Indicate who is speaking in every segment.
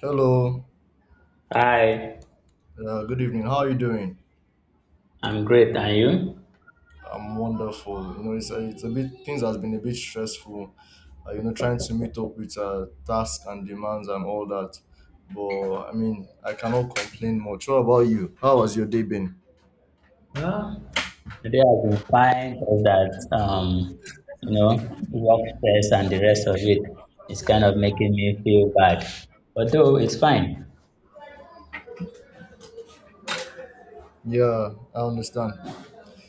Speaker 1: Hello,
Speaker 2: Hi,
Speaker 1: good evening. How are you doing?
Speaker 2: I'm great. And you?
Speaker 1: I'm wonderful. You know, it's a bit things has been a bit stressful. You know, trying to meet up with tasks and demands and all that. But I mean, I cannot complain much. What about you? How has your day been?
Speaker 2: Huh? Today I've been fine. All that, work stress and the rest of it is kind of making me feel bad. Although it's fine.
Speaker 1: Yeah, I understand.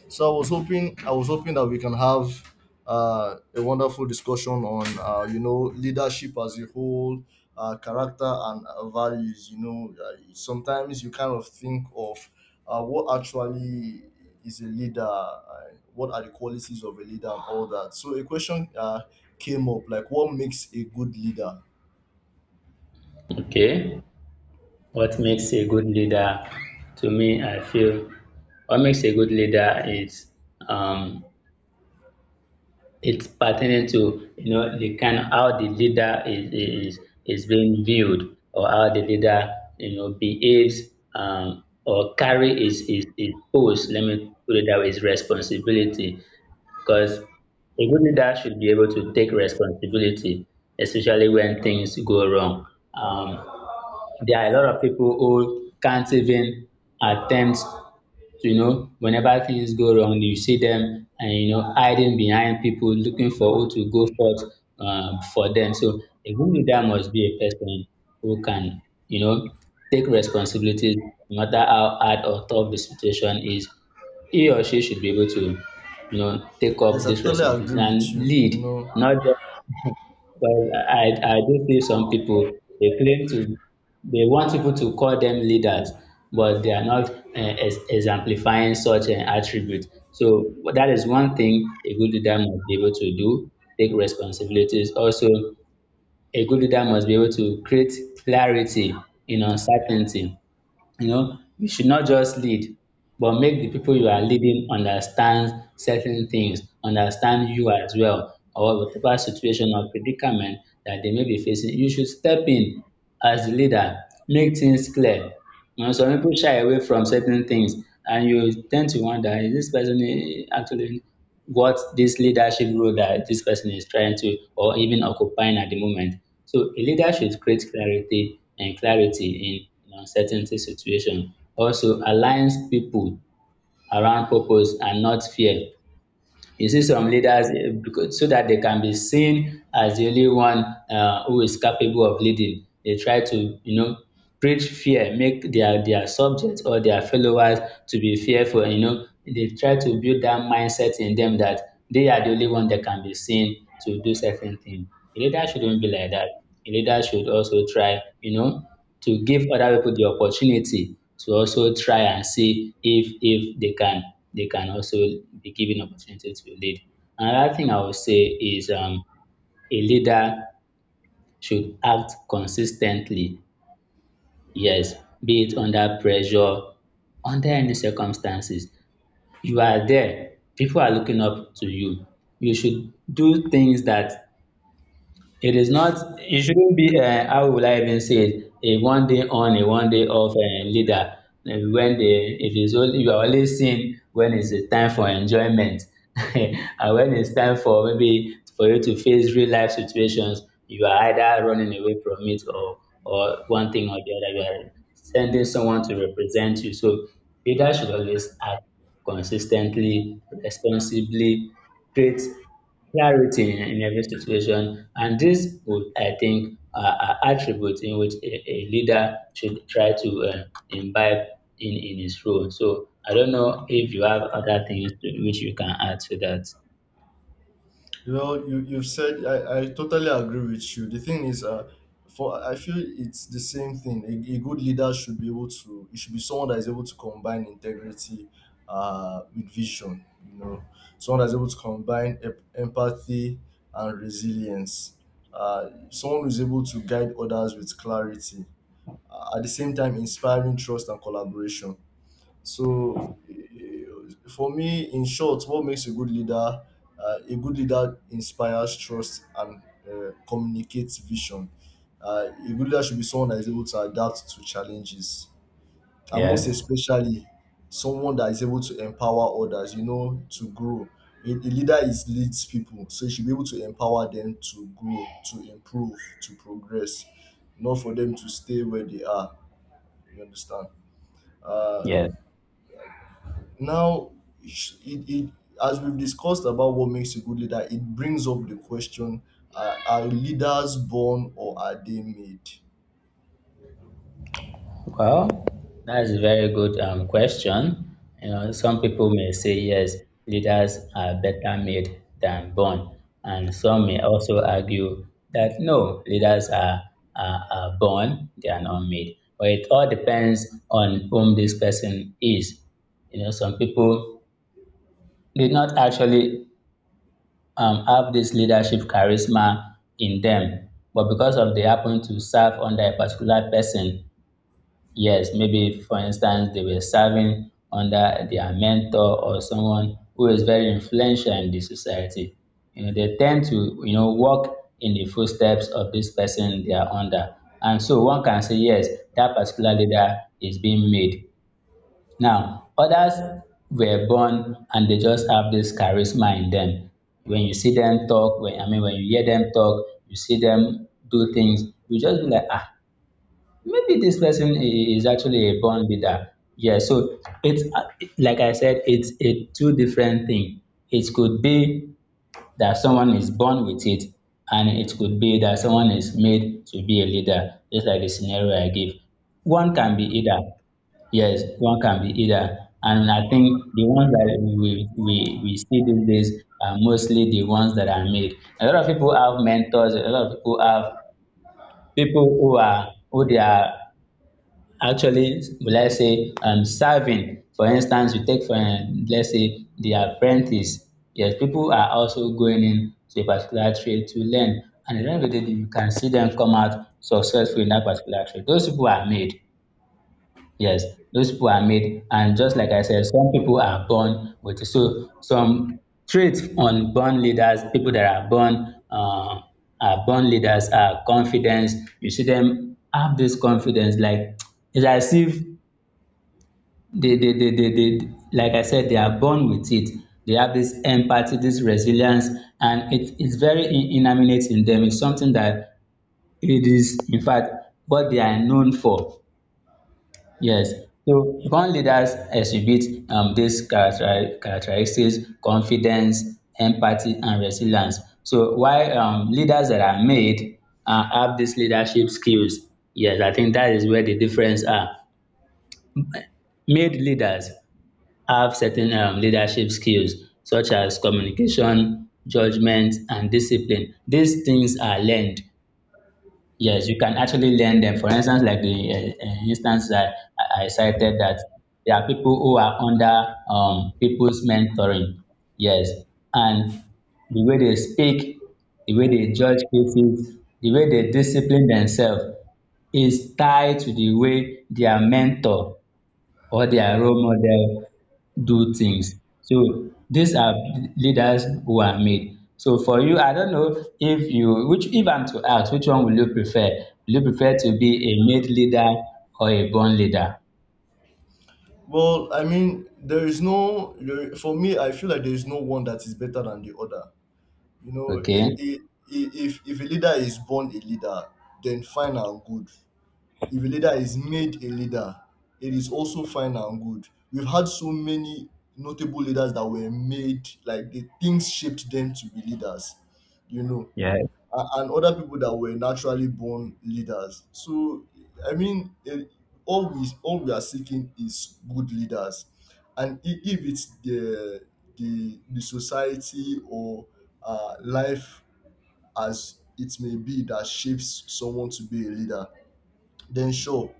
Speaker 1: So I was hoping that we can have a wonderful discussion on you know, leadership as a whole, character and values. You know, sometimes you kind of think of what actually is a leader, what are the qualities of a leader, and all that. So a question came up like, what makes a good leader?
Speaker 2: Okay. What makes a good leader to me, I feel, what makes a good leader is um, it's pertaining to, you know, the kind how the leader is being viewed, or how the leader, you know, behaves, or carry his post. Let me put it that way: his responsibility. Because a good leader should be able to take responsibility, especially when things go wrong. Um, there are a lot of people who can't even attempt, you know, whenever things go wrong, you see them, and, you know, hiding behind people, looking for who to go forth for them. So a good leader must be a person who can, you know, take responsibilities, no matter how hard or tough the situation is. He or she should be able to, you know, take up
Speaker 1: Yes, I
Speaker 2: this
Speaker 1: totally agree
Speaker 2: responsibility
Speaker 1: with
Speaker 2: and
Speaker 1: you.
Speaker 2: lead,
Speaker 1: You know,
Speaker 2: not just. Well, I do see some people, they claim to they want people to call them leaders, but they are not exemplifying such an attribute. So that is one thing a good leader must be able to do, take responsibilities. Also, a good leader must be able to create clarity in uncertainty. You know, you should not just lead, but make the people you are leading understand certain things, understand you as well, or whatever situation or predicament that they may be facing. You should step in as the leader, make things clear. You know, some people shy away from certain things, and you tend to wonder, is this person actually? What this leadership role that this person is trying to or even occupying at the moment. So a leader should create clarity and clarity in an uncertainty situation. Also aligns people around purpose and not fear. You see some leaders because so that they can be seen as the only one who is capable of leading. They try to, you know, preach fear, make their subjects or their followers to be fearful. You know, they try to build that mindset in them that they are the only one that can be seen to do certain things. A leader shouldn't be like that. A leader should also try, you know, to give other people the opportunity to also try and see if they can also be given opportunity to lead. Another thing I would say is, a leader should act consistently. Yes, be it under pressure, under any circumstances. You are there. People are looking up to you. You should do things that. It is not, it shouldn't be, how will I even say it, a one day on, a one day off leader. And when they, if it's only, you are only seen when it's a time for enjoyment. And when it's time for maybe for you to face real life situations, you are either running away from it, or one thing or the other, you are sending someone to represent you. So leaders should always act consistently, responsibly, create clarity in every situation, and this would, I think, are attributes in which a leader should try to imbibe in his role. So I don't know if you have other things to which you can add to that.
Speaker 1: well, you've said, I totally agree with you. The thing is, for I feel it's the same thing. A good leader should be able to. It should be someone that is able to combine integrity, with vision. You know, someone that's able to combine empathy and resilience. Someone who's able to guide others with clarity. At the same time, inspiring trust and collaboration. So for me, in short, what makes a good leader? A good leader inspires trust and communicates vision. A good leader should be someone that is able to adapt to challenges, and most especially, someone that is able to empower others. You know, to grow. A leader is leads people, so you should be able to empower them to grow, to improve, to progress, not for them to stay where they are. You understand? Uh, Now, it, it, as we've discussed about what makes a good leader, it brings up the question: are leaders born or are they made?
Speaker 2: Well, that's a very good question. You know, some people may say yes, leaders are better made than born, and some may also argue that no, leaders are born, they are not made. But it all depends on whom this person is. You know, some people did not actually have this leadership charisma in them, but because of they happen to serve under a particular person. Yes, maybe for instance, they were serving under their mentor or someone who is very influential in the society. You know, they tend to, you know, walk in the footsteps of this person they are under. And so one can say, yes, that particular leader is being made. Now, others were born and they just have this charisma in them. When you see them talk, when I mean when you hear them talk, you see them do things, you just be like, ah, maybe this person is actually a born leader. Yeah, so it's like I said, it's a two different thing. It could be that someone is born with it, and it could be that someone is made to be a leader, just like the scenario I gave. One can be either. Yes, one can be either. And I think the ones that we see these days are mostly the ones that are made. A lot of people have mentors, a lot of people have people who are who they are. Actually, let's say, serving, for instance, you take for let's say the apprentice. Yes, people are also going in to a particular trade to learn, and at the end of the day, you can see them come out successful in that particular trade. Those people are made. Yes, those people are made, and just like I said, some people are born with it. So some traits on born leaders, people that are born. Are born leaders are confidence. You see them have this confidence, like it's as if they like I said, they are born with it. They have this empathy, this resilience, and it's very inanimate in them. It's something that it is, in fact, what they are known for. Yes. So born leaders exhibit, these character- characteristics, confidence, empathy, and resilience. So while, leaders that are made have these leadership skills, yes, I think that is where the difference are. Made leaders have certain, leadership skills such as communication, judgment, and discipline. These things are learned. Yes, you can actually learn them. For instance, like the instance that I cited, that there are people who are under, people's mentoring. Yes, and the way they speak, the way they judge cases, the way they discipline themselves is tied to the way their mentor or their role model do things. So these are leaders who are made. So for you, I don't know if you, which if I'm to ask, which one will you prefer? Will you prefer to be a made leader or a born leader?
Speaker 1: Well, I mean, there is no there, for me, I feel like there is no one that is better than the other. You know,
Speaker 2: Okay.
Speaker 1: if a leader is born a leader, then fine and good. If a leader is made a leader, it is also fine and good. We've had so many notable leaders that were made, like the things shaped them to be leaders, you know,
Speaker 2: Yeah.
Speaker 1: and other people that were naturally born leaders. So, I mean, it, all we are seeking is good leaders, and if it's the society or life as it may be that shapes someone to be a leader, then sure,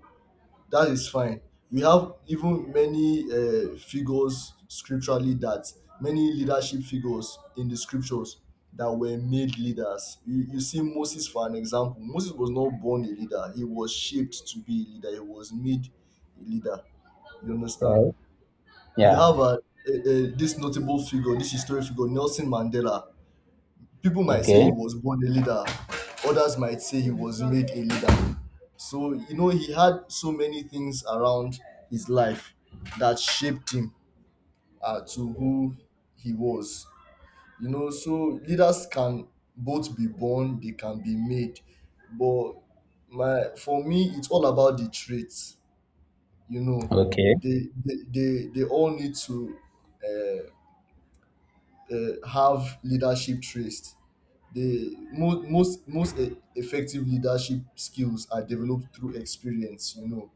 Speaker 1: that is fine. We have even many figures scripturally that many leadership figures in the scriptures that were made leaders. You see Moses for an example. Moses was not born a leader. He was shaped to be a leader. He was made a leader. You understand?
Speaker 2: Yeah.
Speaker 1: You have
Speaker 2: Yeah.
Speaker 1: a this notable figure, this historic figure, Nelson Mandela. People might say he
Speaker 2: Okay.
Speaker 1: was born a leader, others might say he was made a leader. So, you know, he had so many things around his life that shaped him to who he was. You know, so leaders can both be born, they can be made. But my for me, it's all about the traits. You know,
Speaker 2: Okay.
Speaker 1: they all need to uh, have leadership traits. The most effective leadership skills are developed through experience, you know,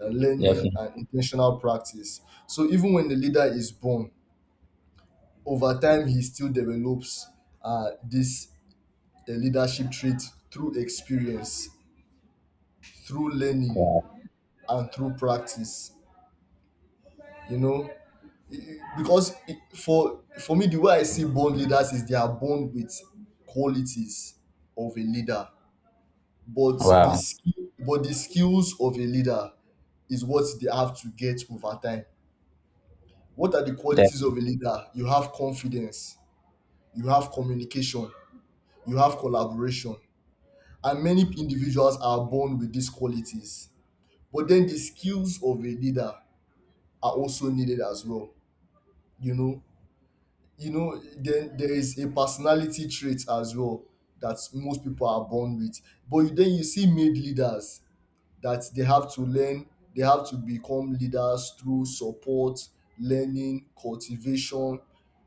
Speaker 1: learning
Speaker 2: Definitely.
Speaker 1: and intentional practice. So even when the leader is born, over time he still develops this leadership trait through experience, through learning, and through practice, you know. E- e- because e- For me, the way I see born leaders is they are born with qualities of a leader, but
Speaker 2: Wow.
Speaker 1: the skills of a leader is what they have to get over time. What are the qualities
Speaker 2: Def-
Speaker 1: of a leader? You have confidence, you have communication, you have collaboration, and many individuals are born with these qualities. But then the skills of a leader are also needed as well. You know, you know, then there is a personality trait as well that most people are born with. But then you see made leaders that they have to learn, they have to become leaders through support, learning, cultivation.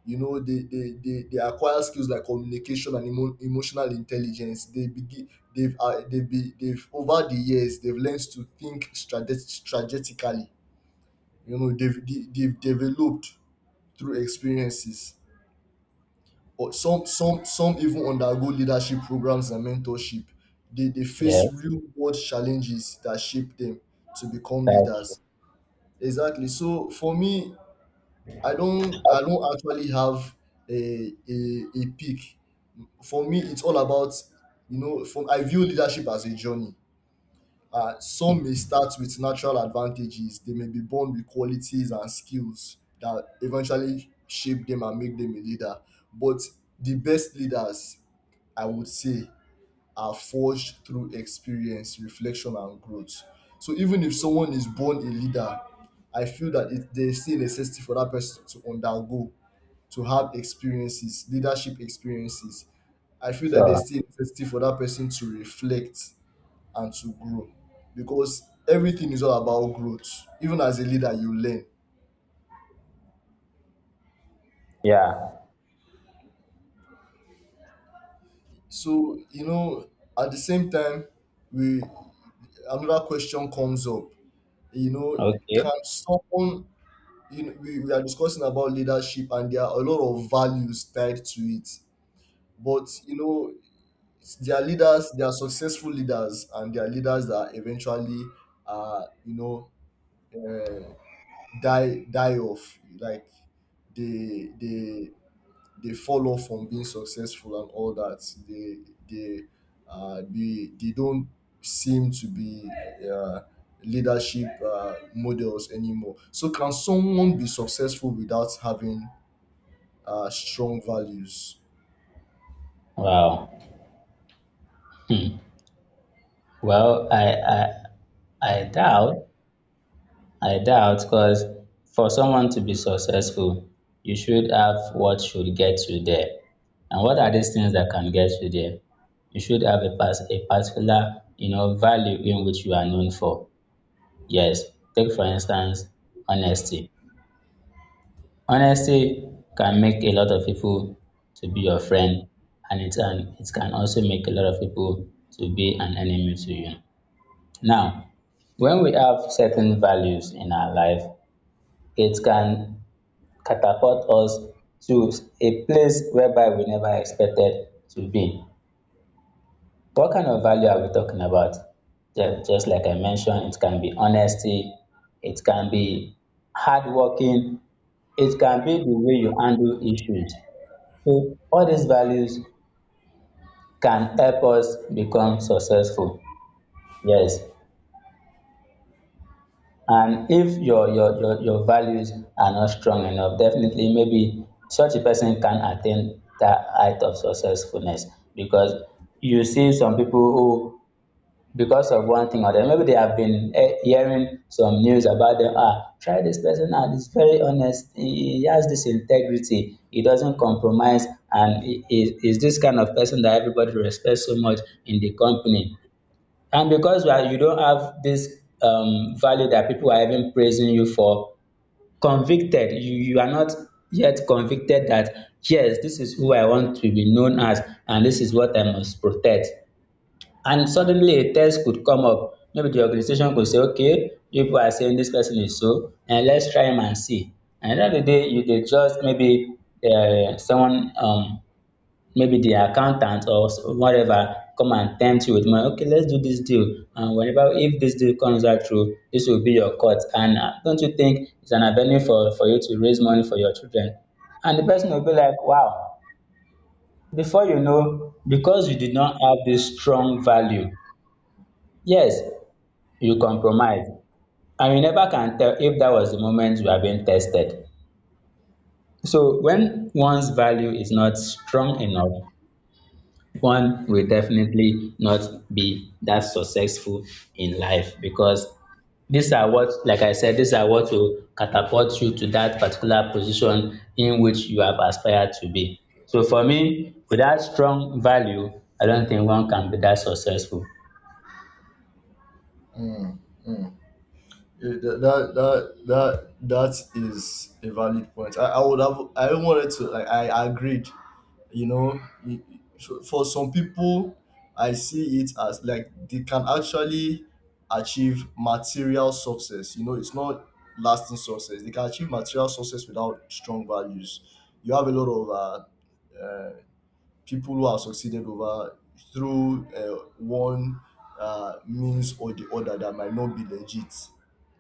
Speaker 1: You know, they acquire skills like communication and emotional intelligence. They begin they've, be, they've Over the years they've learned to think strategically. You know, they've developed through experiences, or some even undergo leadership programs and mentorship. They face
Speaker 2: yes.
Speaker 1: real world challenges that shape them to become
Speaker 2: That's true.
Speaker 1: leaders. Exactly. So for me, I don't actually have a peak. For me, it's all about, you know, from I view leadership as a journey. Some may start with natural advantages. They may be born with qualities and skills that eventually shape them and make them a leader. But the best leaders, I would say, are forged through experience, reflection, and growth. So even if someone is born a leader, I feel that there is still necessity for that person to undergo, to have experiences, leadership experiences. I feel that there's
Speaker 2: So
Speaker 1: still necessity for that person to reflect and to grow, because everything is all about growth. Even as a leader, you learn.
Speaker 2: yeah.
Speaker 1: So, you know, at the same time, we another question comes up. You know,
Speaker 2: Okay.
Speaker 1: can someone you know, we are discussing about leadership and there are a lot of values tied to it. But you know, there are leaders, there are successful leaders, and there are leaders that eventually uh you know uh, die die off. Like they they they fall off from being successful and all that. they they they don't seem to be uh, leadership models anymore. So can someone be successful without having strong values?
Speaker 2: Wow. Hmm. Well, I doubt, I doubt because for someone to be successful, you should have what should get you there. And what are these things that can get you there? You should have a, a particular, you know, value in which you are known for. Yes. Take for instance, honesty. Honesty can make a lot of people to be your friend, and it can also make a lot of people to be an enemy to you. Now, when we have certain values in our life, it can catapult us to a place whereby we never expected to be. What kind of value are we talking about? Just like I mentioned, it can be honesty, it can be hardworking, it can be the way you handle issues. So all these values can help us become successful. Yes, and if your values are not strong enough, definitely maybe such a person can attain that height of successfulness, because you see some people who, because of one thing or the other, maybe they have been, hearing some news about them, ah, try this person out, he's very honest, he has this integrity, he doesn't compromise, and he is this kind of person that everybody respects so much in the company. And because you are, you don't have this, value that people are even praising you for, convicted, you are not yet convicted that, yes, this is who I want to be known as, and this is what I must protect. And suddenly a test could come up. Maybe the organization could say, okay, people are saying this person is so, and let's try him and see. And at the end of the day, you, they just maybe someone maybe the accountant or whatever come and tempt you with money. Okay, let's do this deal, and whenever if this deal comes out through, this will be your cut. And don't you think it's an avenue for you to raise money for your children? And the person will be like, wow. Before you know, because you did not have this strong value. Yes, you compromise, and you never can tell if that was the moment you are being tested. So when one's value is not strong enough, one will definitely not be that successful in life, because these are what, like I said, these are what will catapult you to that particular position in which you have aspired to be. So for me, without strong value, I don't think one can be that successful.
Speaker 1: Yeah, that is a valid point. I would have, I wanted to, like, I agreed, you know. For some people, I see it as like they can actually achieve material success. You know, it's not lasting success. They can achieve material success without strong values. You have a lot of people who have succeeded over through one means or the other that might not be legit,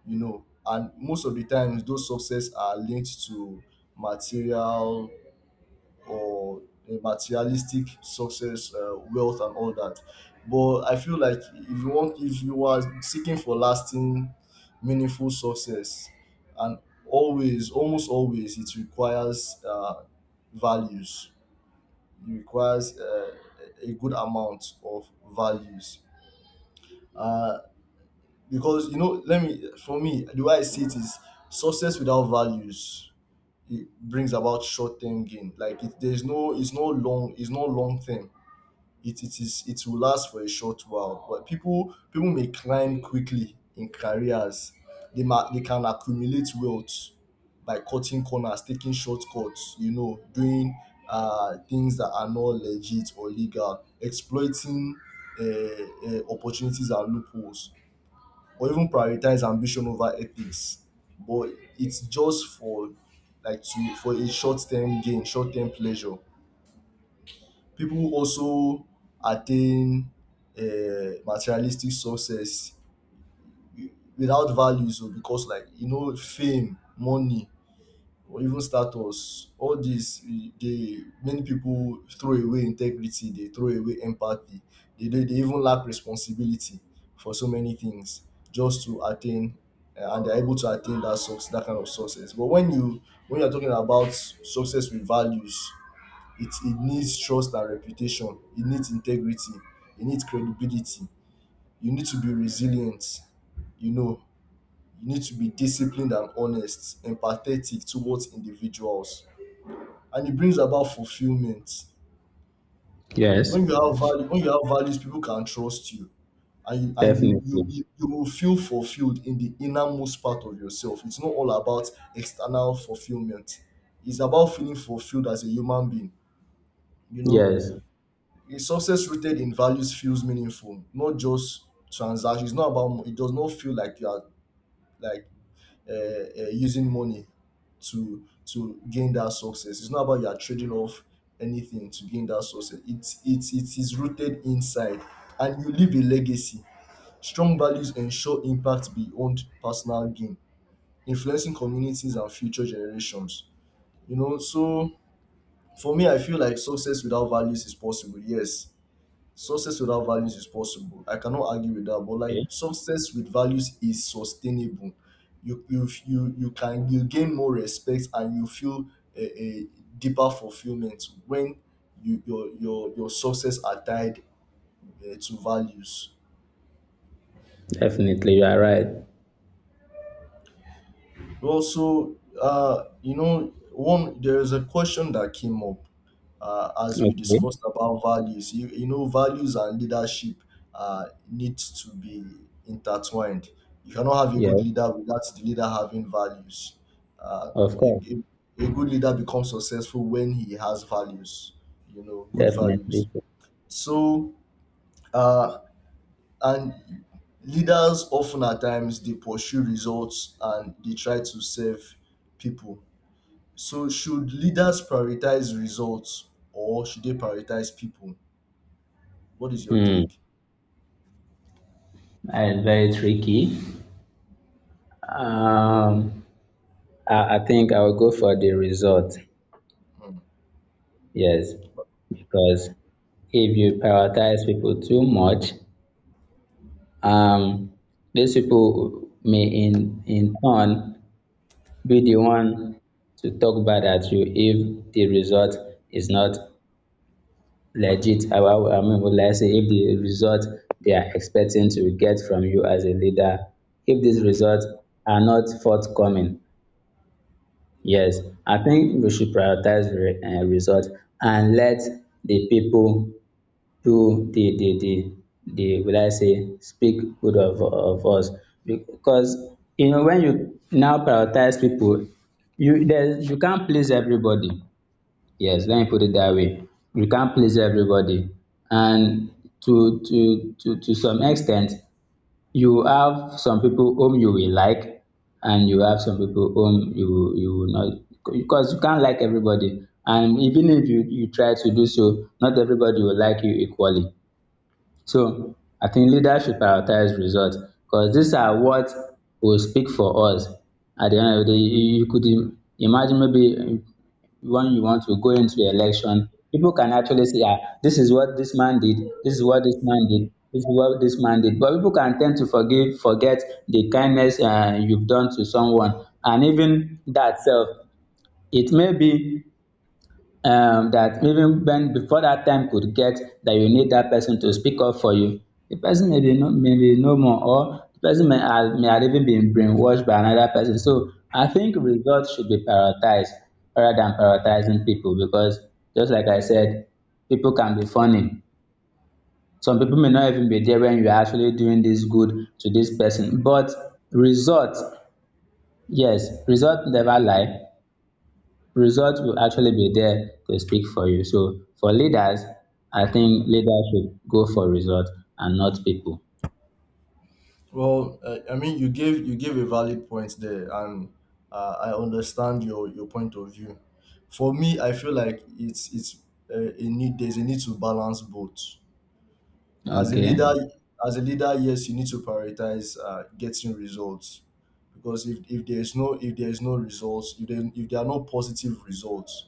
Speaker 1: you know. And most of the times those success are linked to material or a materialistic success, wealth and all that. But I feel like if you are seeking for lasting, meaningful success, and always, almost always, it requires values. It requires a good amount of values. Uh, because, you know, let me for me, the way I see it is success without values, it brings about short term gain. Like it's no long term. It will last for a short while, but people may climb quickly in careers, they can accumulate wealth by cutting corners, taking shortcuts, you know, doing things that are not legit or legal, exploiting opportunities and loopholes, or even prioritize ambition over ethics. But it's just for like to for a short-term gain, short-term pleasure. People also attain materialistic success wi- without values. O, because, like you know, fame, money, or even status, all dis e dey many people throw away integrity, dey throw away empathy, dey even lack responsibility for so many things just to attain and they are able to attain that kind of success. But when you are talking about success with values, it needs trust and reputation, it needs integrity, it needs credibility. You need to be resilient, you know, you need to be disciplined and honest, empathetic towards individuals. And it brings about fulfillment.
Speaker 2: Yes.
Speaker 1: When you have values, people can trust you, and
Speaker 2: Definitely.
Speaker 1: you will feel fulfilled in the innermost part of yourself. It's not all about external fulfillment, it's about feeling fulfilled as a human being, you know.
Speaker 2: Yes.
Speaker 1: A success rooted in values feels meaningful, not just transactions. It's not about it does not feel like you are, like, using money to gain that success. It's not about you are trading off anything to gain that success. It is rooted inside. And you leave a legacy. Strong values ensure impact beyond personal gain, influencing communities and future generations, you know. So for me, I feel like success without values is possible, yes. Success without values is possible. I cannot argue with that. But like,
Speaker 2: Okay.
Speaker 1: success with values is sustainable. You can, you gain more respect and you feel a deeper fulfillment when your success are tied to values.
Speaker 2: Definitely, you are right.
Speaker 1: Well, so you know, one there is a question that came up as we
Speaker 2: Okay.
Speaker 1: discussed about values. You know, values and leadership need to be intertwined. You cannot have a good
Speaker 2: Yeah,
Speaker 1: leader without the leader having values. Uh,
Speaker 2: of
Speaker 1: a,
Speaker 2: course.
Speaker 1: a, a good leader becomes successful when he has values. You know, good
Speaker 2: Definitely.
Speaker 1: values. So uh, and leaders often at times they pursue results and they try to serve people. So should leaders prioritize results or should they prioritize people? What is your
Speaker 2: Hmm,
Speaker 1: take?
Speaker 2: that is very tricky. um I think I will go for the result. Yes, because if you prioritize people too much, um, these people may in turn be the one to talk bad at you if the result is not legit. I mean, would I say if the result they are expecting to get from you as a leader, if these results are not forthcoming, yes, I think we should prioritize the results and let the people do the will I say speak good of us, because you know, when you now prioritize people, you there you can't please everybody. Yes, let me put it that way. You can't please everybody, and to some extent you have some people whom you will like, and you have some people whom you will not, because you can't like everybody, and even if you try to do so, not everybody will like you equally. So I think leaders should prioritize results, because these are what will speak for us. At the end of the day, you could imagine maybe when you want to go into election, people can actually say, ah, this is what this man did, this is what this man did, this is what this man did. But people can tend to forgive, forget the kindness you've done to someone. And even that self, it may be that even when before that time could get that you need that person to speak up for you. The person may be no more, or the person may have even been brainwashed by another person. So I think results should be prioritized rather than prioritizing people, because just like I said, people can be funny. Some people may not even be there when you're actually doing this good to this person. But results, yes, results never lie. Result will actually be there to speak for you. So for leaders, I think leaders should go for result and not people.
Speaker 1: Well, I mean, you gave a valid point there, and I understand your point of view. For me, I feel like it's a need. There's a need to balance both. As a leader,
Speaker 2: Okay.
Speaker 1: as a leader, yes, you need to prioritize getting results, because if there is no, if there is no results, if there are no positive results,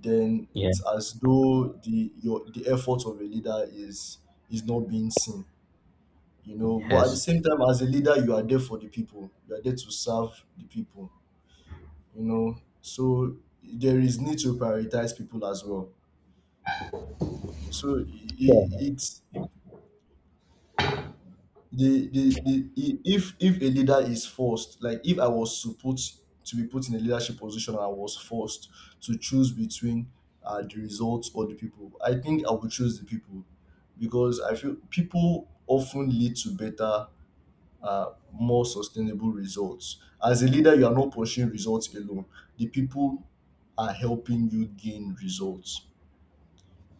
Speaker 1: then
Speaker 2: Yeah.
Speaker 1: it's as though the effort of a leader is not being seen, you know. But at the
Speaker 2: Yes.
Speaker 1: same time, as a leader, you are there for the people, you are there to serve the people, you know. So there is need to prioritize people as well. So it, it's the I- if a leader is forced, like if I was supposed to be put in a leadership position and I was forced to choose between the results or the people, I think I would choose the people, because I feel people often lead to better, more sustainable results. As a leader, you are not pursuing results alone. The people are helping you gain results.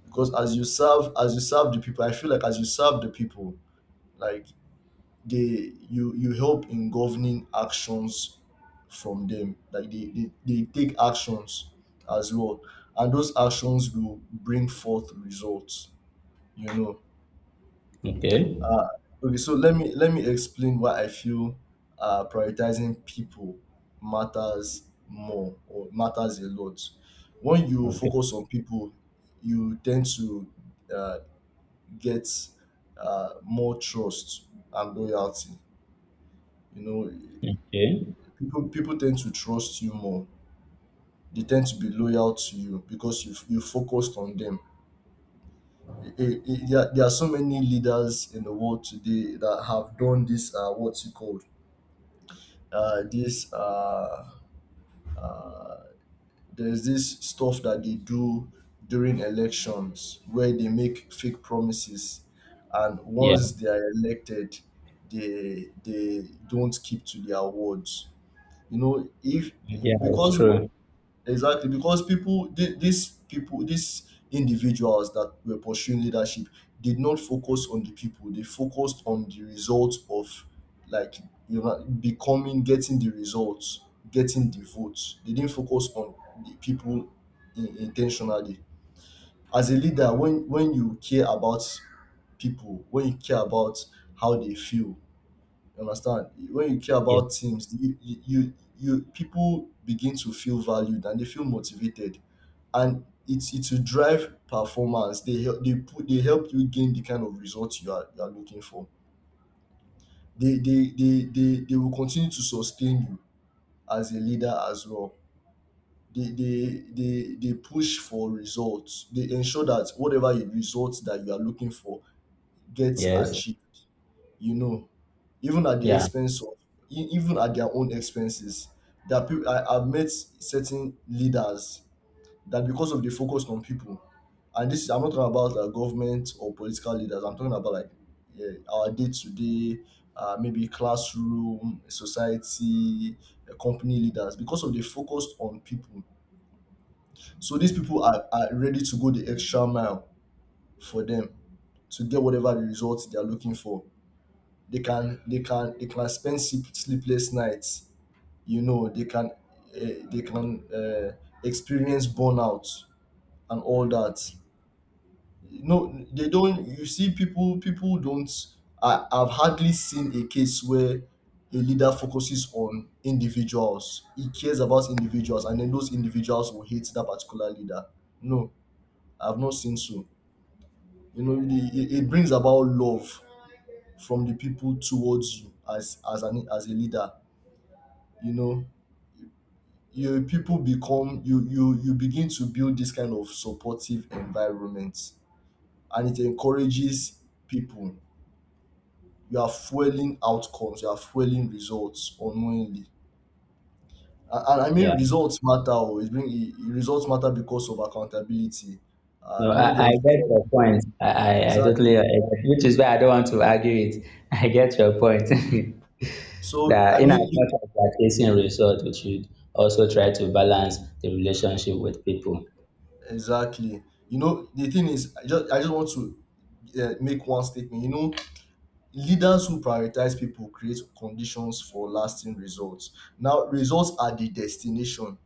Speaker 1: Because as you serve the people, I feel like as you serve the people, like, they you you help in governing actions from them. Like they take actions as well, and those actions will bring forth results, you know.
Speaker 2: Okay.
Speaker 1: uh, okay, so let me explain why I feel prioritizing people matters more, or matters a lot. When you
Speaker 2: Okay.
Speaker 1: focus on people, you tend to uh, get more trust and loyalty, you know.
Speaker 2: Okay.
Speaker 1: People tend to trust you more. They tend to be loyal to you because you focused on them. There are so many leaders in the world today that have done this, what's it called, this, there's this stuff that they do during elections where they make fake promises. And
Speaker 2: Yeah.
Speaker 1: once they are elected, they don't keep to their words, you know. If,
Speaker 2: Yeah, it's
Speaker 1: because,
Speaker 2: true.
Speaker 1: exactly, because these people, these individuals that were pursuing leadership did not focus on the people. They focused on the results of, like, you know, becoming, getting the results, getting the votes. They didn't focus on the people, intentionally. As a leader, when you care about people, when you care about how they feel, you understand? When you care
Speaker 2: Yeah.
Speaker 1: about teams, you people begin to feel valued and they feel motivated, and it will drive performance. They help they put they help you gain the kind of results you are looking for. They will continue to sustain you as a leader as well. They, they they push for results. They ensure that whatever results that you are looking for gets
Speaker 2: Yes.
Speaker 1: achieved. You know, even at the
Speaker 2: Yeah.
Speaker 1: expense of, e- even at their own expenses. There are people, I've met certain leaders that, because of the focus on people, and this is, I'm not talking about government or political leaders, I'm talking about like, yeah, our day to day, maybe classroom, society, company leaders. Because of the focus on people, so these people are ready to go the extra mile for them, to get whatever the results they are looking for. They can spend sleep, sleepless nights, you know. They can they can experience burnout and all that. No, they don't. You see, people don't. I've hardly seen a case where a leader focuses on individuals, he cares about individuals, and then those individuals will hate that particular leader. No, I've not seen so. You know, it, it brings about love from the people towards you as an as a leader, you know. You people become you you you begin to build this kind of supportive environment, and it encourages people. You are fueling outcomes, you are fueling results unknowingly. And I mean,
Speaker 2: Yeah.
Speaker 1: results matter. Oh, it bring it- it- results matter because of accountability.
Speaker 2: No,
Speaker 1: When there
Speaker 2: I
Speaker 1: is,
Speaker 2: get your point. I
Speaker 1: exactly.
Speaker 2: totally agree, which is why I don't want to argue it. I get your point.
Speaker 1: So I
Speaker 2: That in as
Speaker 1: mean you,
Speaker 2: much as we are chasing result, we should also try to balance the relationship with people.
Speaker 1: exactly, you know, the thing is, I just want to make one statement, you know. Leaders who prioritize people create conditions for lasting results. Now results are the destination,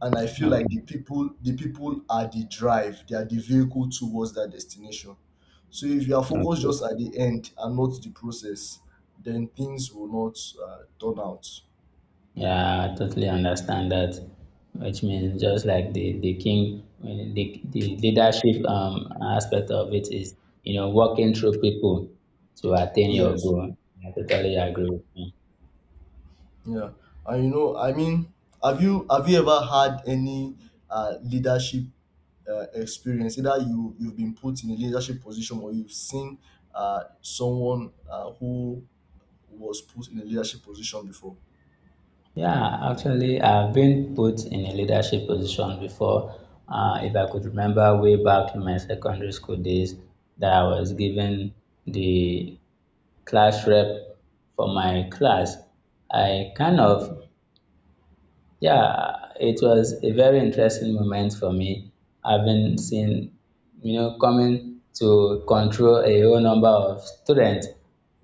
Speaker 1: and I feel like the
Speaker 2: Okay.
Speaker 1: people the people are the drive, they are the vehicle towards that destination. So if you are focused
Speaker 2: Okay.
Speaker 1: just at the end and not the process, then things will not turn out.
Speaker 2: Yeah, I totally understand that. Which means just like the king, the leadership aspect of it is, you know, working through people to attain your
Speaker 1: Yes.
Speaker 2: goal. I totally agree with you.
Speaker 1: Yeah, and you know, I mean, have you ever had any leadership experience? Either you've been put in a leadership position, or you've seen someone who was put in a leadership position before.
Speaker 2: Yeah, actually, I've been put in a leadership position before. If I could remember way back in my secondary school days, that I was given the class rep for my class. I kind of. Yeah, it was a very interesting moment for me, having seen, you know, coming to control a whole number of students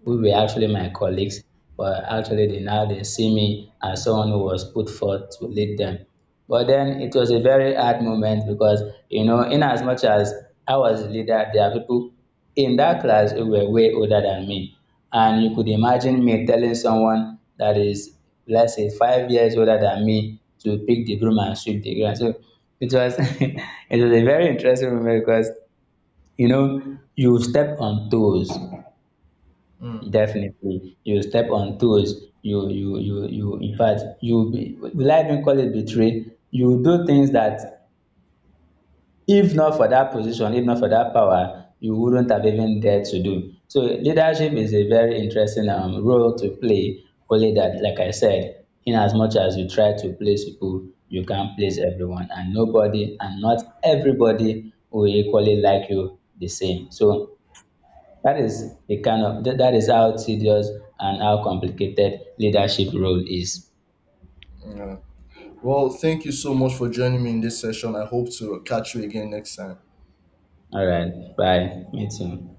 Speaker 2: who were actually my colleagues, but actually they now they see me as someone who was put forth to lead them. But then it was a very hard moment because, you know, in as much as I was the leader, there are people in that class who were way older than me. And you could imagine me telling someone that is, let's say, 5 years older than me to pick the broom and sweep the ground. So it was it was a very interesting moment because, you know, you step on toes.
Speaker 1: Mm,
Speaker 2: Definitely. You step on toes. You in fact you be, will I even call it betray? You do things that if not for that position, if not for that power, you wouldn't have even dared to do so. Leadership is a very interesting role to play, only that like I said, in as much as you try to please people, you can't please everyone and nobody, and not everybody will equally like you the same. So that is the kind of that is how tedious and how complicated leadership role is.
Speaker 1: yeah. Well, thank you so much for joining me in this session. I hope to catch you again next time.
Speaker 2: All right, bye, me too.